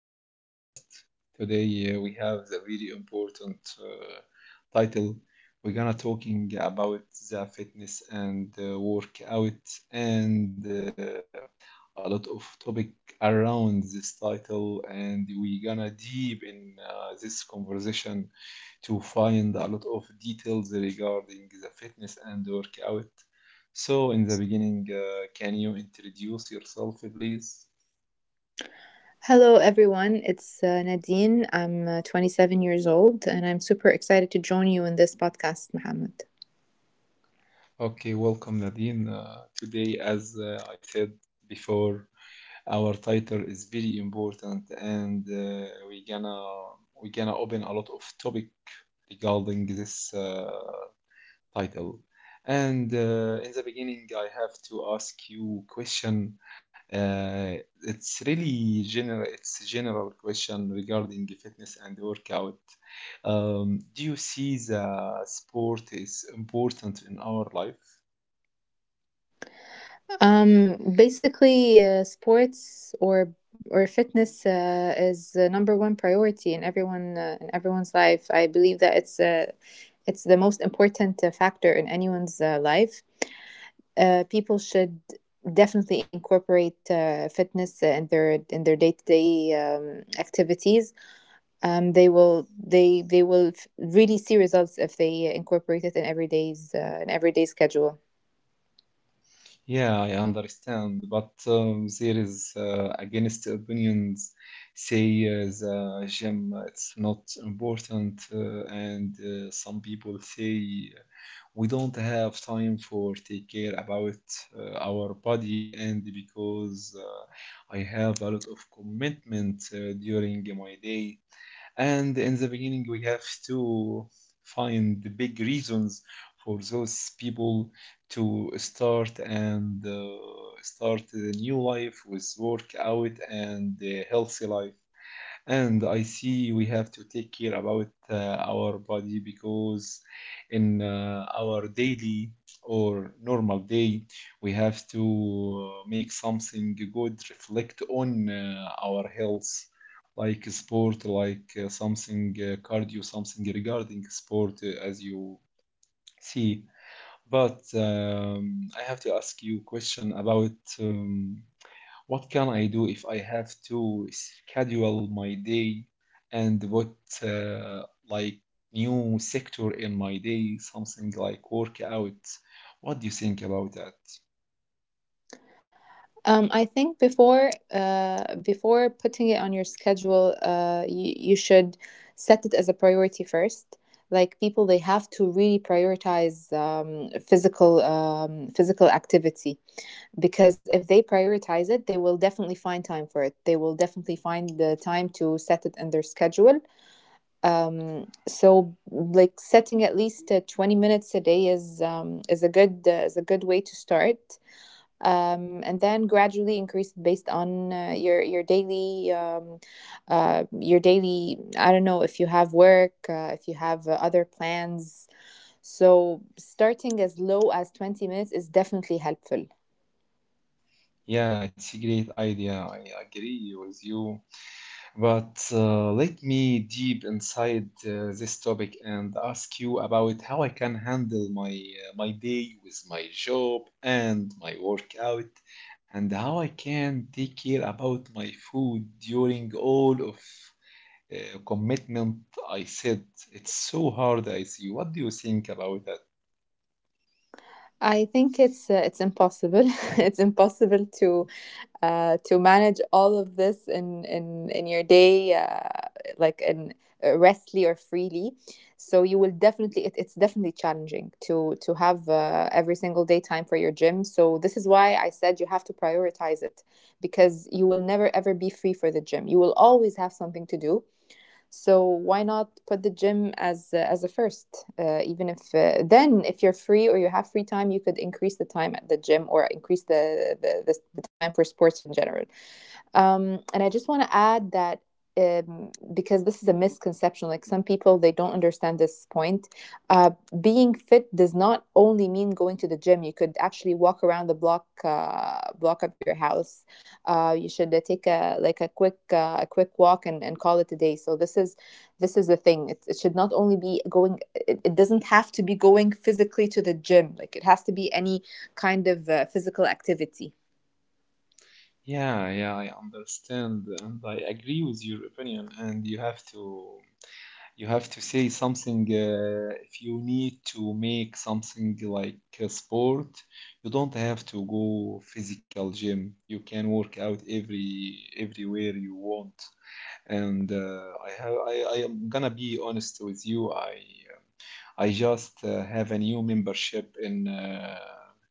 our podcast. Today we have the very important title. We're gonna talking about the fitness and workout and a lot of topic around this title, and we're gonna deep in this conversation to find a lot of details regarding the fitness and workout. So, in the beginning, can you introduce yourself, please? Hello, everyone. It's Nadine. I'm 27 years old, and I'm super excited to join you in this podcast, Mohammed. Okay, welcome, Nadine. Today, as I said before, our title is very important, and uh, we gonna open a lot of topic regarding this title. And in the beginning, I have to ask you question. Uh, it's really general. It's a general question regarding fitness and workout. Do you see the sport is important in our life? Basically, sports or fitness is the number one priority in everyone's life. I believe that it's it's the most important factor in anyone's life. People should definitely incorporate fitness in their day to day activities. They will really see results if they incorporate it in everyday schedule. Yeah, I understand, but there is against opinions say the gym it's not important, and some people say we don't have time for take care about our body and because I have a lot of commitment during my day, and in the beginning we have to find the big reasons for those people to start and start a new life with workout and a healthy life. And I see we have to take care about our body because in our daily or normal day, we have to make something good, reflect on our health, like sport, like something cardio, something regarding sport, as you see. But I have to ask you question about um, what can I do if I have to schedule my day, and what uh, like new sector in my day, something like workout? What do you think about that? I think before putting it on your schedule, you should set it as a priority first. Like people, they have to really prioritize physical activity, because if they prioritize it, they will definitely find time for it. They will definitely find the time to set it in their schedule. So like setting at least 20 minutes a day is is a good way to start. And then gradually increase it based on your daily I don't know if you have work, if you have other plans. So starting as low as 20 minutes is definitely helpful. Yeah, it's a great idea. I agree with you. But let me deep inside this topic and ask you about how I can handle my my day with my job and my workout, and how I can take care about my food during all of commitment. I said it's so hard. I see. What do you think about that? I think it's it's impossible. It's impossible to manage all of this in your day, like in restly or freely. So you will definitely— it's definitely challenging to have every single day time for your gym. So this is why I said you have to prioritize it, because you will never ever be free for the gym. You will always have something to do. So why not put the gym as a first? Even if then, if you're free or you have free time, you could increase the time at the gym, or increase the time for sports in general. And I just want to add that because this is a misconception, like some people they don't understand this point. Uh, Being fit does not only mean going to the gym. You could actually walk around the block of your house. You should take a— like a quick walk, and call it a day. So this is— this is the thing. It should not only be going. It doesn't have to be going physically to the gym. Like it has to be any kind of physical activity. Yeah, yeah, I understand, and I agree with your opinion, and you have to. You have to say something if you need to make something like a sport, you don't have to go physical gym. You can work out every everywhere you want. And uh, I am gonna be honest with you. I just have a new membership in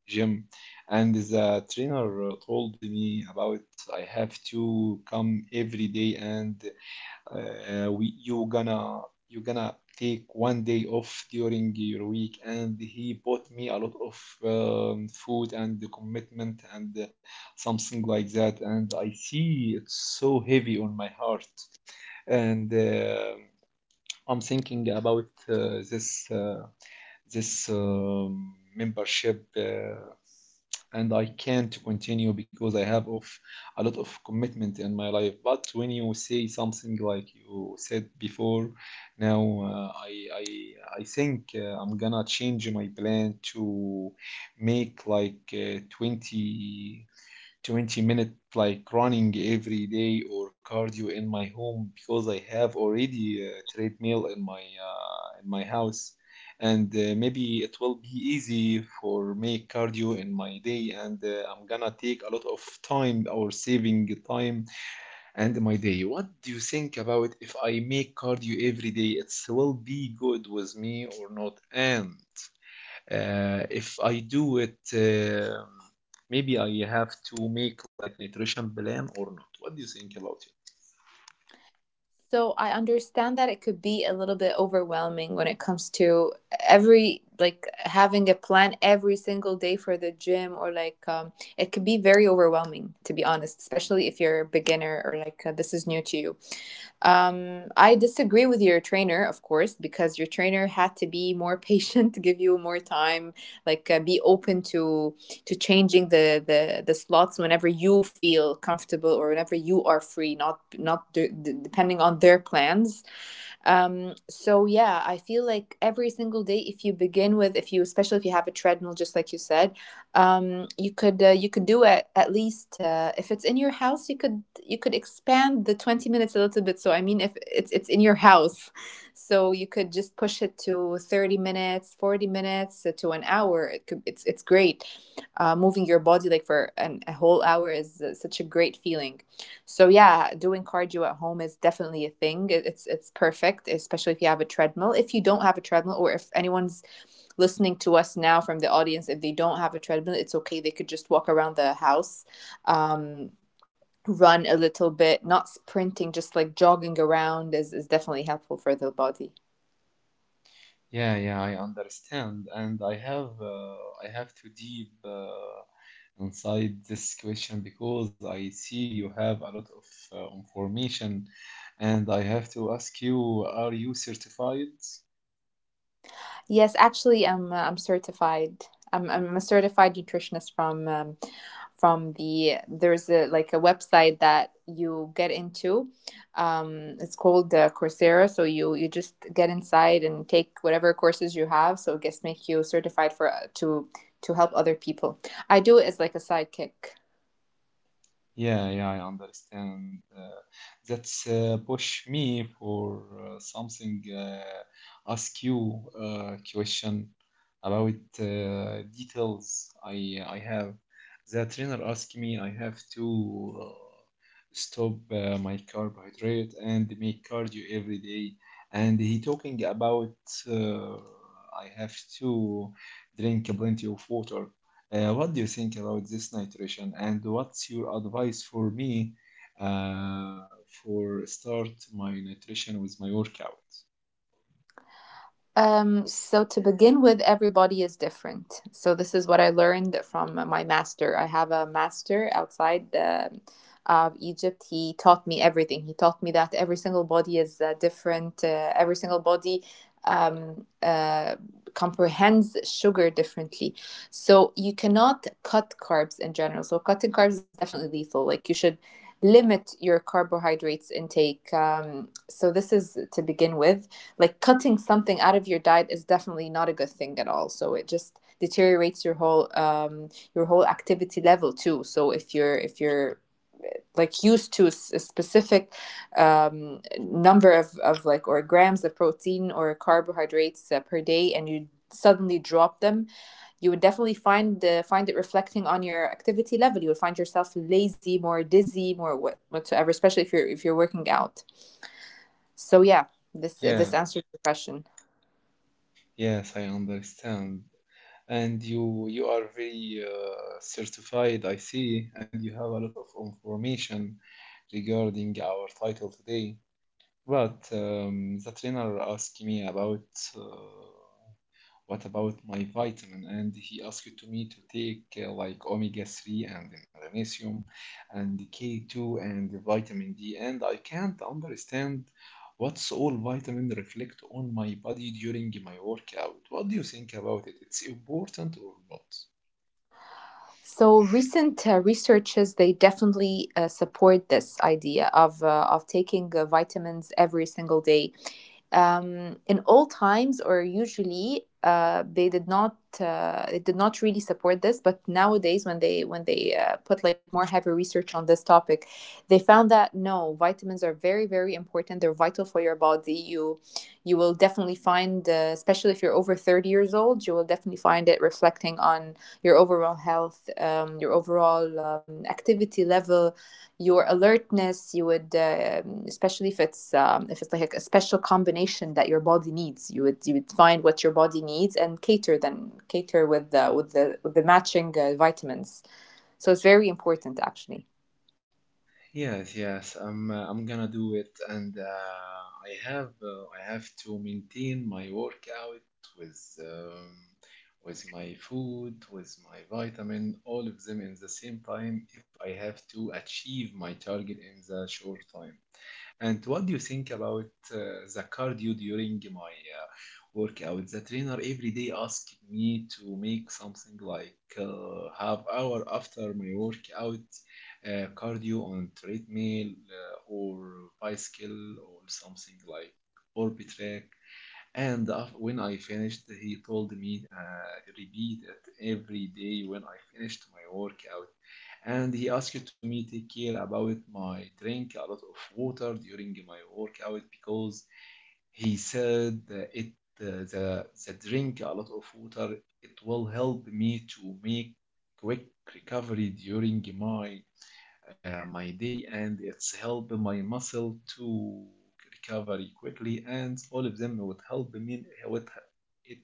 gym, and the trainer told me about I have to come every day and we, you gonna take one day off during your week, and he bought me a lot of food and the commitment and something like that, and I see it's so heavy on my heart. And I'm thinking about uh, this membership, and I can't continue because I have of a lot of commitment in my life. But when you say something like you said before, now uh, I think I'm gonna change my plan to make like 20-minute like running every day or cardio in my home because I have already a treadmill in my house. And maybe it will be easy for me cardio in my day, and I'm gonna take a lot of time or saving time and my day. What do you think about if I make cardio every day? It will be good with me or not? And if I do it, maybe I have to make like nutrition plan or not. What do you think about it? So I understand that it could be a little bit overwhelming when it comes to every— like having a plan every single day for the gym, or like it could be very overwhelming, to be honest, especially if you're a beginner, or like this is new to you. I disagree with your trainer, of course, because your trainer had to be more patient, give you more time, like be open to— to changing the slots whenever you feel comfortable or whenever you are free, not de- depending on their plans. So yeah, I feel like every single day, if you begin with— if you— especially if you have a treadmill, just like you said, you could do it at least if it's in your house, you could expand the 20 a little bit. So I mean, if it's in your house, so you could just push it to 30, 40 to an hour. It could— it's great. Moving your body like for a whole hour is such a great feeling. So yeah, doing cardio at home is definitely a thing. It's perfect, especially if you have a treadmill. If you don't have a treadmill, or if anyone's listening to us now from the audience, if they don't have a treadmill, it's okay. They could just walk around the house, um, run a little bit, not sprinting, just like jogging around is definitely helpful for the body. Yeah, yeah, I understand, and I have uh, to deep inside this question because I see you have a lot of information, and I have to ask you: are you certified? Yes, actually, I'm certified. I'm a certified nutritionist from the— there's a— like a website that you get into. It's called Coursera. So you just get inside and take whatever courses you have. So it gets make you certified for to help other people. I do it as like a sidekick. Yeah, yeah, I understand. That's push me for something. Ask you a question about details. I have the trainer asked me I have to stop my carbohydrate and make cardio every day, and he talking about uh, I have to drink plenty of water. What do you think about this nutrition, and what's your advice for me uh, for start my nutrition with my workout? So to begin with, everybody is different. So this is what I learned from my master. I have a master outside of Egypt. He taught me everything. He taught me that every single body is different. Every single body um, uh, comprehends sugar differently. So you cannot cut carbs in general. So cutting carbs is definitely lethal. Like you should limit your carbohydrates intake. So this is to begin with. Like cutting something out of your diet is definitely not a good thing at all. So it just deteriorates your whole activity level too. So if you're— if you're like used to a specific number of like or grams of protein or carbohydrates per day, and you suddenly drop them, you would definitely find find it reflecting on your activity level. You would find yourself lazy, more dizzy, more whatsoever, especially if you're working out. So yeah, Yeah, this answers your question. yes, I understand. And you are very certified, I see, and you have a lot of information regarding our title today. But the trainer asked me about uh, what about my vitamin? And he asked to me to take like omega 3 and magnesium and K2 and vitamin D. And I can't understand what's all vitamin reflect on my body during my workout. What do you think about it? It's important or not? So recent researchers, they definitely support this idea of taking vitamins every single day, in all times. Or usually they did not it did not really support this, but nowadays when they put like more heavy research on this topic, they found that no, vitamins are very, very important. They're vital for your body. You will definitely find especially if you're over 30 years old, you will definitely find it reflecting on your overall health, your overall activity level, your alertness. You would especially if it's like a special combination that your body needs, you would— you would find what your body needs, and cater— then cater with the matching vitamins. So it's very important, actually. Yes, yes, I'm gonna do it, and I have to maintain my workout with um, with my food, with my vitamin, all of them in the same time if I have to achieve my target in the short time. And what do you think about the cardio during my workout? The trainer every day asks me to make something like half hour after my workout, cardio on treadmill or bicycle or something like orbit rack. And when I finished, he told me repeat it every day when I finished my workout. And he asked to me take care about my drink a lot of water during my workout because he said that it the drink a lot of water it will help me to make quick recovery during my my day, and it's help my muscle to recover quickly, and all of them would help me, it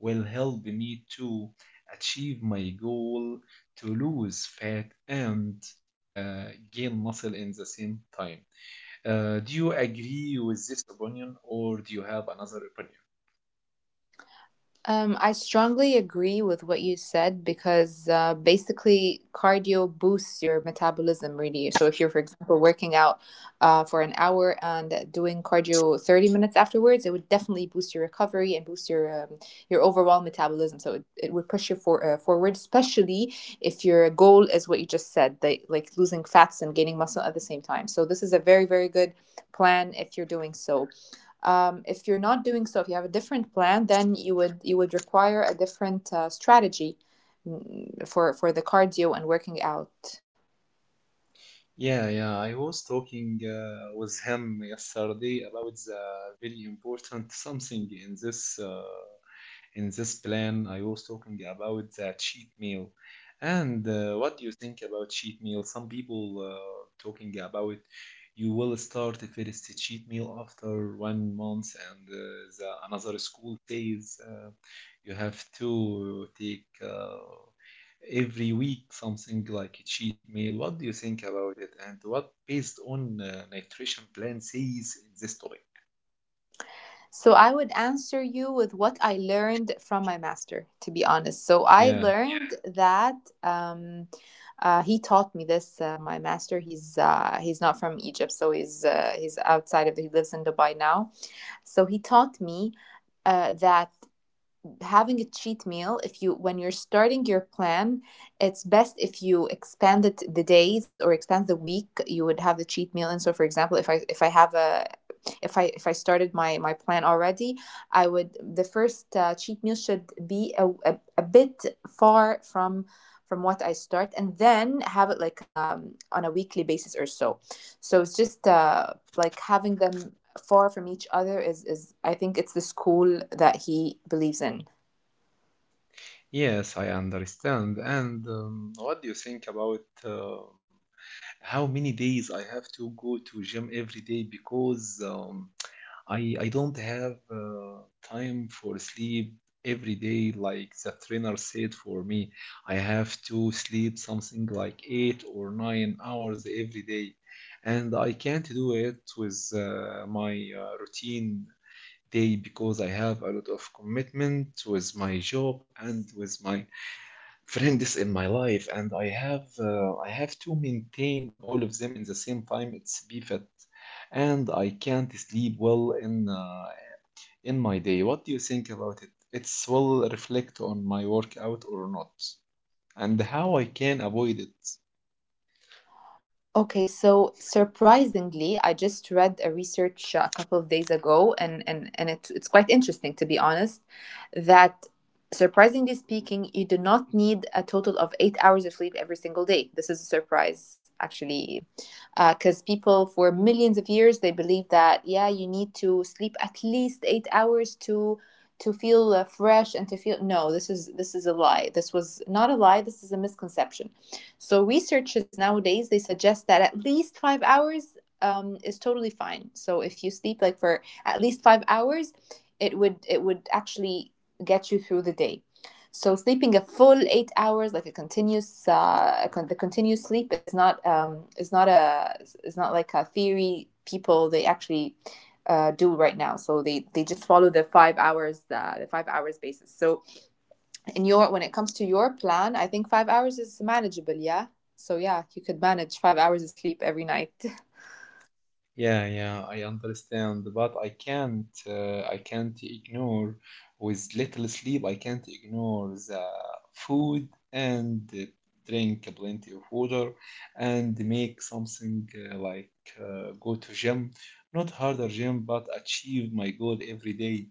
will help me to achieve my goal to lose fat and gain muscle in the same time. Do you agree with this opinion, or do you have another opinion? I strongly agree with what you said, because basically cardio boosts your metabolism, really. So if you're, for example, working out for an hour and doing cardio 30 minutes afterwards, it would definitely boost your recovery and boost your overall metabolism. So it would push you for forward, especially if your goal is what you just said, like— like losing fats and gaining muscle at the same time. So this is a very, very good plan if you're doing so. If you're not doing so, if you have a different plan, then you would— you would require a different strategy for the cardio and working out. Yeah, yeah, I was talking with him yesterday about the very important something in this plan. I was talking about the cheat meal. And what do you think about cheat meal? Some people talking about you will start the first cheat meal after one month, and the another school says you have to take every week something like a cheat meal. What do you think about it, and what based on nutrition plan says in this topic? So I would answer you with what I learned from my master, to be honest. So I Yeah. learned that um, he taught me this. My master, he's not from Egypt. So he's outside of— he lives in Dubai now. So he taught me that having a cheat meal, if you— when you're starting your plan, it's best if you expand the days or expand the week you would have the cheat meal. And so for example, if I have a— if I started my plan already, I would— the first cheat meal should be a bit far from— from what I start, and then have it like on a weekly basis or so. So it's just like having them far from each other is— I think it's the school that he believes in. Yes, I understand. And what do you think about how many days I have to go to gym every day? Because I don't have time for sleep every day like the trainer said for me. I have to sleep something like eight or nine hours every day, and I can't do it with my routine day because I have a lot of commitment with my job and with my friends in my life, and I have to maintain all of them in the same time. It's BFAT, and I can't sleep well in my day. What do you think about it? It's will reflect on my workout or not, and how I can avoid it. Okay, so surprisingly, I just read a research a couple of days ago, and and it's quite interesting, to be honest, that surprisingly speaking, you do not need a total of 8 hours of sleep every single day. This is a surprise, actually, because people for millions of years they believe that yeah, you need to sleep at least 8 hours to— to feel fresh, and to feel— no, this is a lie. This was not a lie. This is a misconception. So researchers nowadays they suggest that at least 5 hours is totally fine. So if you sleep like for at least 5 hours, it would— it would actually get you through the day. So sleeping a full 8 hours, like a continuous, the continuous sleep is not a— is not like a theory people they actually do right now. So they just follow the 5 hours basis. So in your when it comes to your plan, I think 5 hours is manageable, yeah? So yeah, you could manage 5 hours of sleep every night. Yeah, yeah, I understand, but I can't ignore with little sleep. I can't ignore the food and drink plenty of water and make something like go to gym, not harder gym, but achieve my goal every day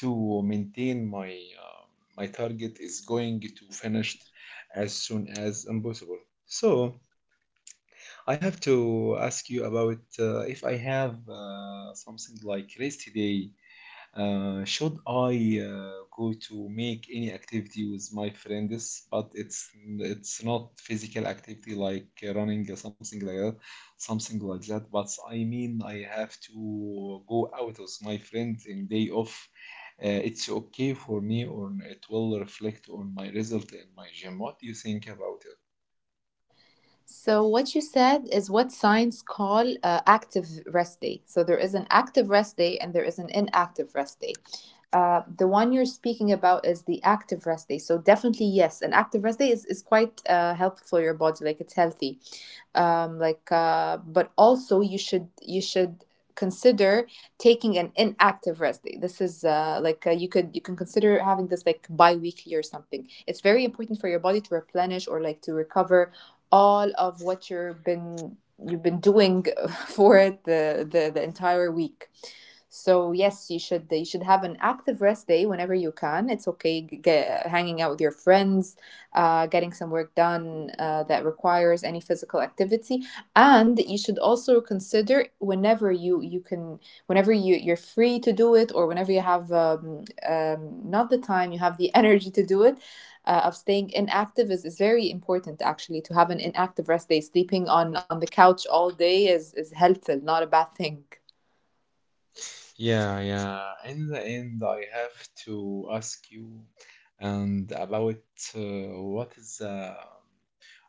to maintain my uh, my target is going to finished as soon as impossible. So. I have to ask you about if I have something like rest day. Should I go to make any activity with my friends, but it's not physical activity like running or something like that, something like that. But I mean, I have to go out with my friend in day off. It's okay for me, or it will reflect on my result in my gym. What do you think about it? So what you said is what science call active rest day. So there is an active rest day and there is an inactive rest day. The one you're speaking about is the active rest day. So definitely yes, an active rest day is quite helpful for your body, like it's healthy. But also you should consider taking an inactive rest day. This is you could you can consider having this like bi-weekly or something. It's very important for your body to replenish or like to recover all of what you've been doing for it the entire week. So yes, you should have an active rest day whenever you can. It's okay get, hanging out with your friends, getting some work done, that requires any physical activity. And you should also consider whenever you can, whenever you're free to do it, or whenever you have not the time, you have the energy to do it, of staying inactive is very important. Actually, to have an inactive rest day, sleeping on the couch all day is helpful, not a bad thing. Yeah, yeah. In the end, I have to ask you and about uh, what is the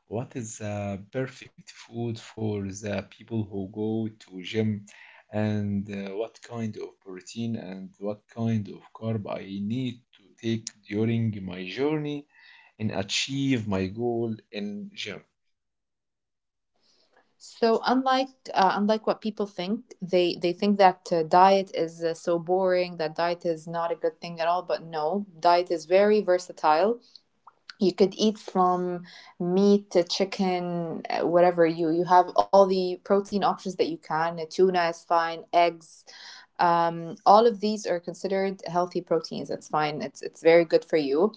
what is the perfect food for the people who go to gym, and what kind of protein and what kind of carb I need to take during my journey and achieve my goal in gym. So unlike unlike what people think, they think that diet is so boring, that diet is not a good thing at all. But no, diet is very versatile. You could eat from meat to chicken, whatever you have. All the protein options that you can. Tuna is fine, eggs. All of these are considered healthy proteins. It's fine. It's very good for you.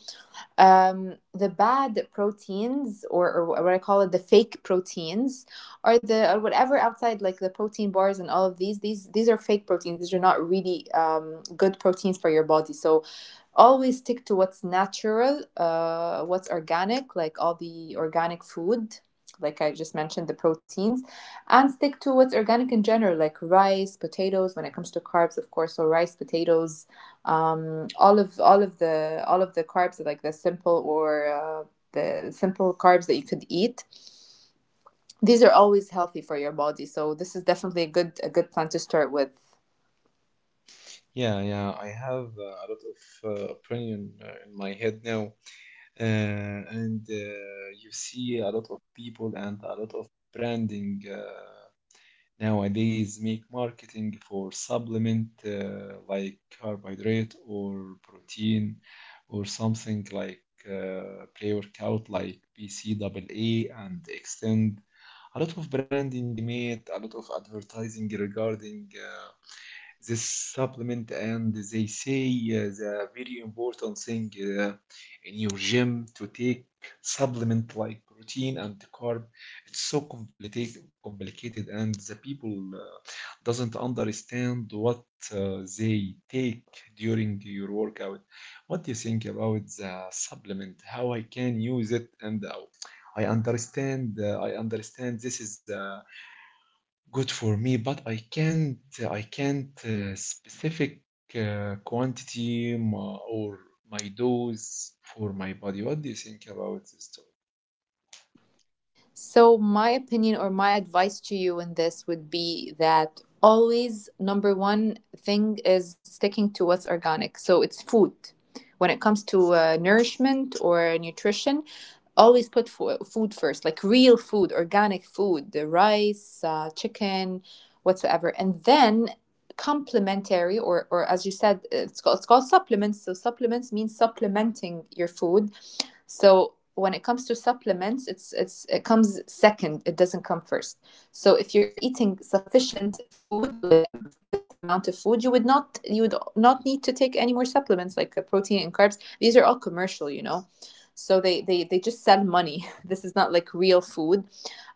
The bad proteins, or what I call it, the fake proteins, are the or whatever outside, like the protein bars and all of these. These are fake proteins. These are not really good proteins for your body. So always stick to what's natural, what's organic, like all the organic food, like I just mentioned, the proteins, and stick to what's organic in general, like rice, potatoes. When it comes to carbs, of course, so rice, potatoes, all of the carbs, like the simple or the simple carbs that you could eat. These are always healthy for your body, so this is definitely a good plan to start with. Yeah, yeah. I have a lot of opinion in my head now. And you see a lot of people and a lot of branding nowadays make marketing for supplement like carbohydrate or protein or something like pre-workout like BCAA and Extend. A lot of branding made, a lot of advertising regarding this supplement, and they say the very important thing uh, in your gym to take supplement like protein and carb. It's so complicated and the people doesn't understand what they take during your workout. What do you think about the supplement, how I can use it? And I understand this is a good for me, but I can't. I can't specific quantity or my dose for my body. What do you think about this topic? So my opinion or my advice to you in this would be that always number one thing is sticking to what's organic. So it's food. When it comes to nourishment or nutrition, always put food first, like real food, organic food, the rice, chicken, whatsoever. And then complementary or as you said, it's called supplements. So supplements means supplementing your food. So when it comes to supplements, it's it comes second. It doesn't come first. So if you're eating sufficient food or like a good amount of food, you would not need to take any more supplements like protein and carbs. These are all commercial, you know. So they just sell money. This is not like real food.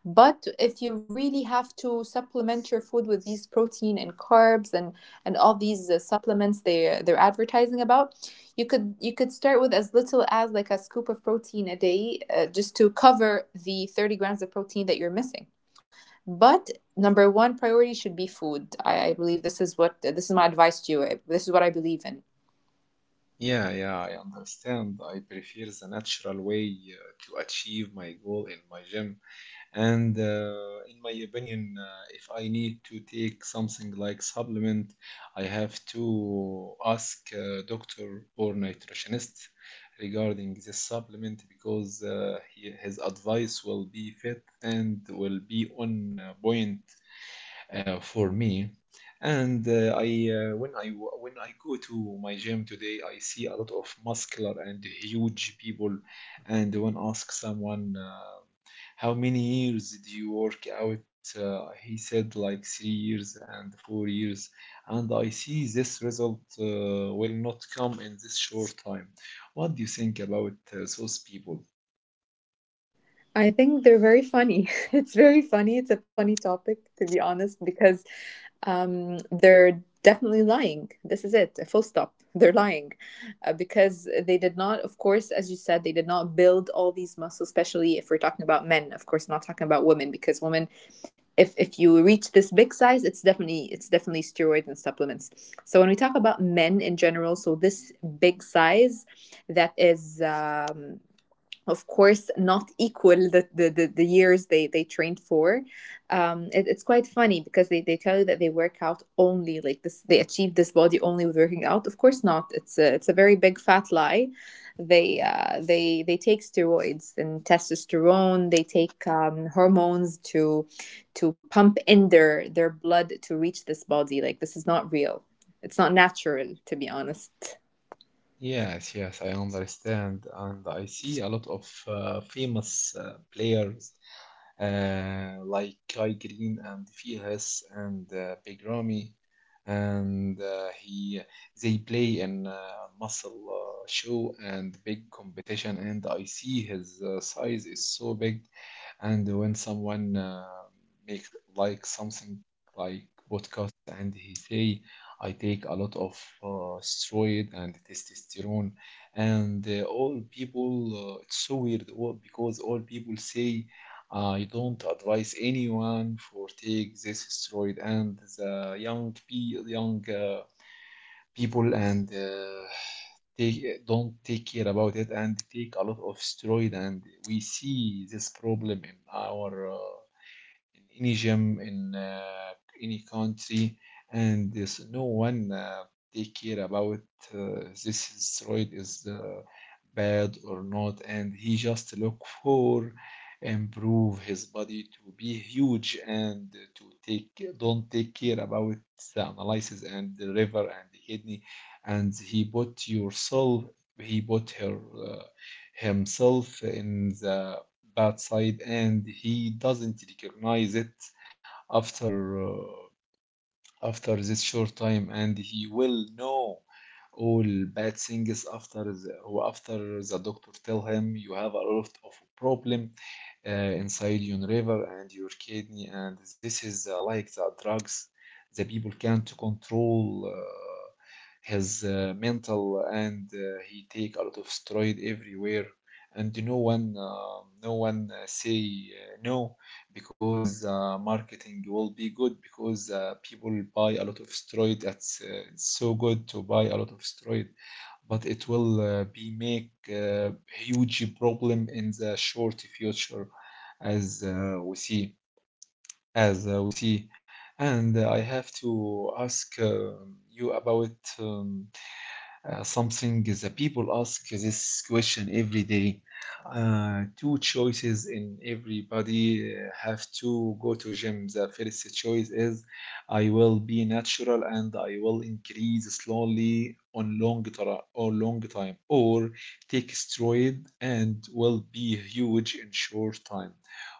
But if you really have to supplement your food with these protein and carbs and all these supplements they're advertising about, you could start with as little as like a scoop of protein a day, just to cover the 30 grams of protein that you're missing. But number one priority should be food. I believe this is what, this is my advice to you, this is what I believe in. Yeah, yeah, I understand. I prefer the natural way to achieve my goal in my gym. And in my opinion, if I need to take something like supplement, I have to ask a doctor or nutritionist regarding this supplement, because he, his advice will be fit and will be on point for me. And I when I when I go to my gym today, I see a lot of muscular and huge people. And when ask someone. How many years did you work out? He said, like 3 years and 4 years. And I see this result will not come in this short time. What do you think about those people? I think they're very funny. It's very funny. It's a funny topic, to be honest, because they're definitely lying. This is it, a full stop. They're lying because they did not, of course, as you said, they did not build all these muscles, especially if we're talking about men. Of course, not talking about women, because women, if you reach this big size, it's definitely steroids and supplements. So when we talk about men in general, so this big size that is of course not equal the years they trained for. It's quite funny because they tell you that they work out only like this, they achieve this body only with working out. Of course not. It's a, it's a very big fat lie. They take steroids and testosterone. They take hormones to pump in their blood to reach this body. Like this is not real. It's not natural, to be honest. Yes, yes, I understand, and I see a lot of famous players like Kai Green and Fihas and Big Ramy, and he they play in muscle show and big competition, and I see his size is so big, and when someone make like something like podcast and he say. I take a lot of steroid and testosterone, and all people. It's so weird all, because all people say you don't advise anyone for take this steroid, and the young young people and take don't take care about it and take a lot of steroid, and we see this problem in our. In any gym in any country, and there's no one take care about uh, this steroid is bad or not, and he just look for improve his body to be huge and to take don't take care about the analysis and the liver and the kidney, and he put yourself, he put her uh, himself in the bad side, and he doesn't recognize it after after this short time, and he will know all bad things after after the doctor tell him you have a lot of problem inside your liver and your kidney, and this is like the drugs. The people can't control his mental, and he take a lot of steroid everywhere, and no one say no, because marketing will be good because people buy a lot of steroid. That's it's so good to buy a lot of steroid, but it will be make uh, huge problem in the short future, as uh, we see, as we see. And I have to ask you about um, something the people ask this question every day. Two choices in everybody have to go to gym. The first choice is I will be natural and I will increase slowly on long or long time, or take steroid and will be huge in short time.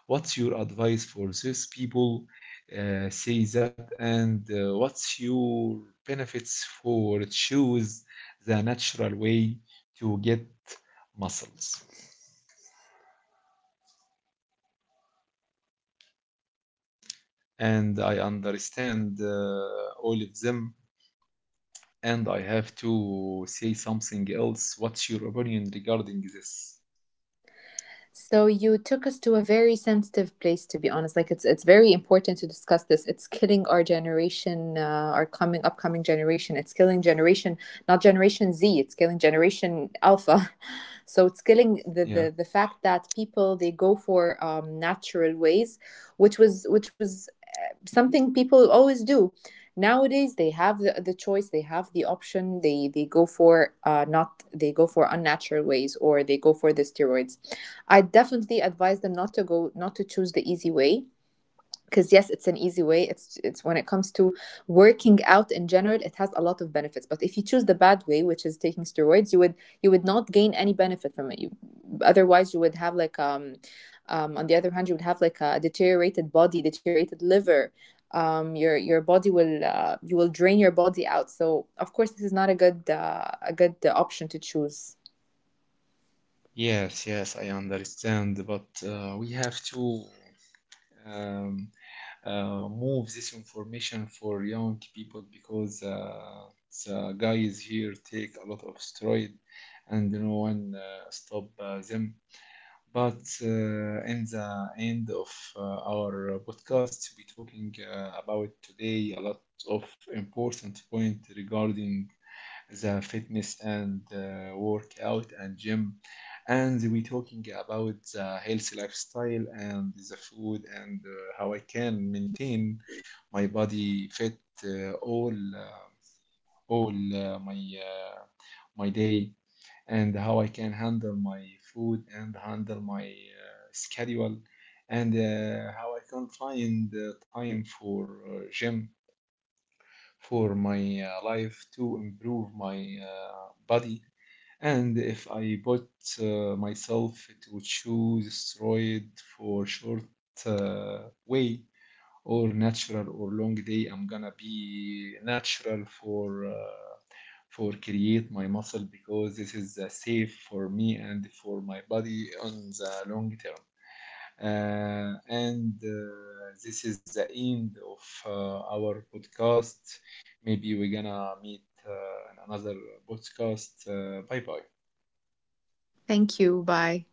What's your advice for these people? Say that, and what's your benefits for choose the natural way to get muscles. And I understand all of them. And I have to say something else. What's your opinion regarding this? So you took us to a very sensitive place, to be honest. Like it's very important to discuss this. It's killing our generation, our coming upcoming generation. It's killing generation, not generation Z. It's killing generation Alpha. So it's killing Yeah. The fact that people they go for natural ways, which was something people always do. Nowadays they have the choice, they have the option, they go for not they go for unnatural ways, or they go for the steroids. I definitely advise them not to go, not to choose the easy way, because yes, it's an easy way. It's when it comes to working out in general, it has a lot of benefits. But if you choose the bad way, which is taking steroids, you would not gain any benefit from it. Otherwise you would have like on the other hand, you would have like a deteriorated body, deteriorated liver. Your body will you will drain your body out. So of course this is not a good a good option to choose. Yes, yes, I understand. But we have to um, move this information for young people, because the guys here take a lot of steroid and no one stop them. But in the end of our podcast, we're talking about today a lot of important point regarding the fitness and workout and gym, and we're talking about the healthy lifestyle and the food and how I can maintain my body fit uh, all uh, all my my day, and how I can handle my food and handle my schedule, and how I can find time for gym for my life to improve my body. And if I put myself to choose steroid for short way, or natural or long day, I'm gonna be natural for create my muscle, because this is safe for me and for my body on the long term. Uh, and This is the end of our podcast. Maybe we're gonna meet in another podcast. Bye bye. Thank you. Bye.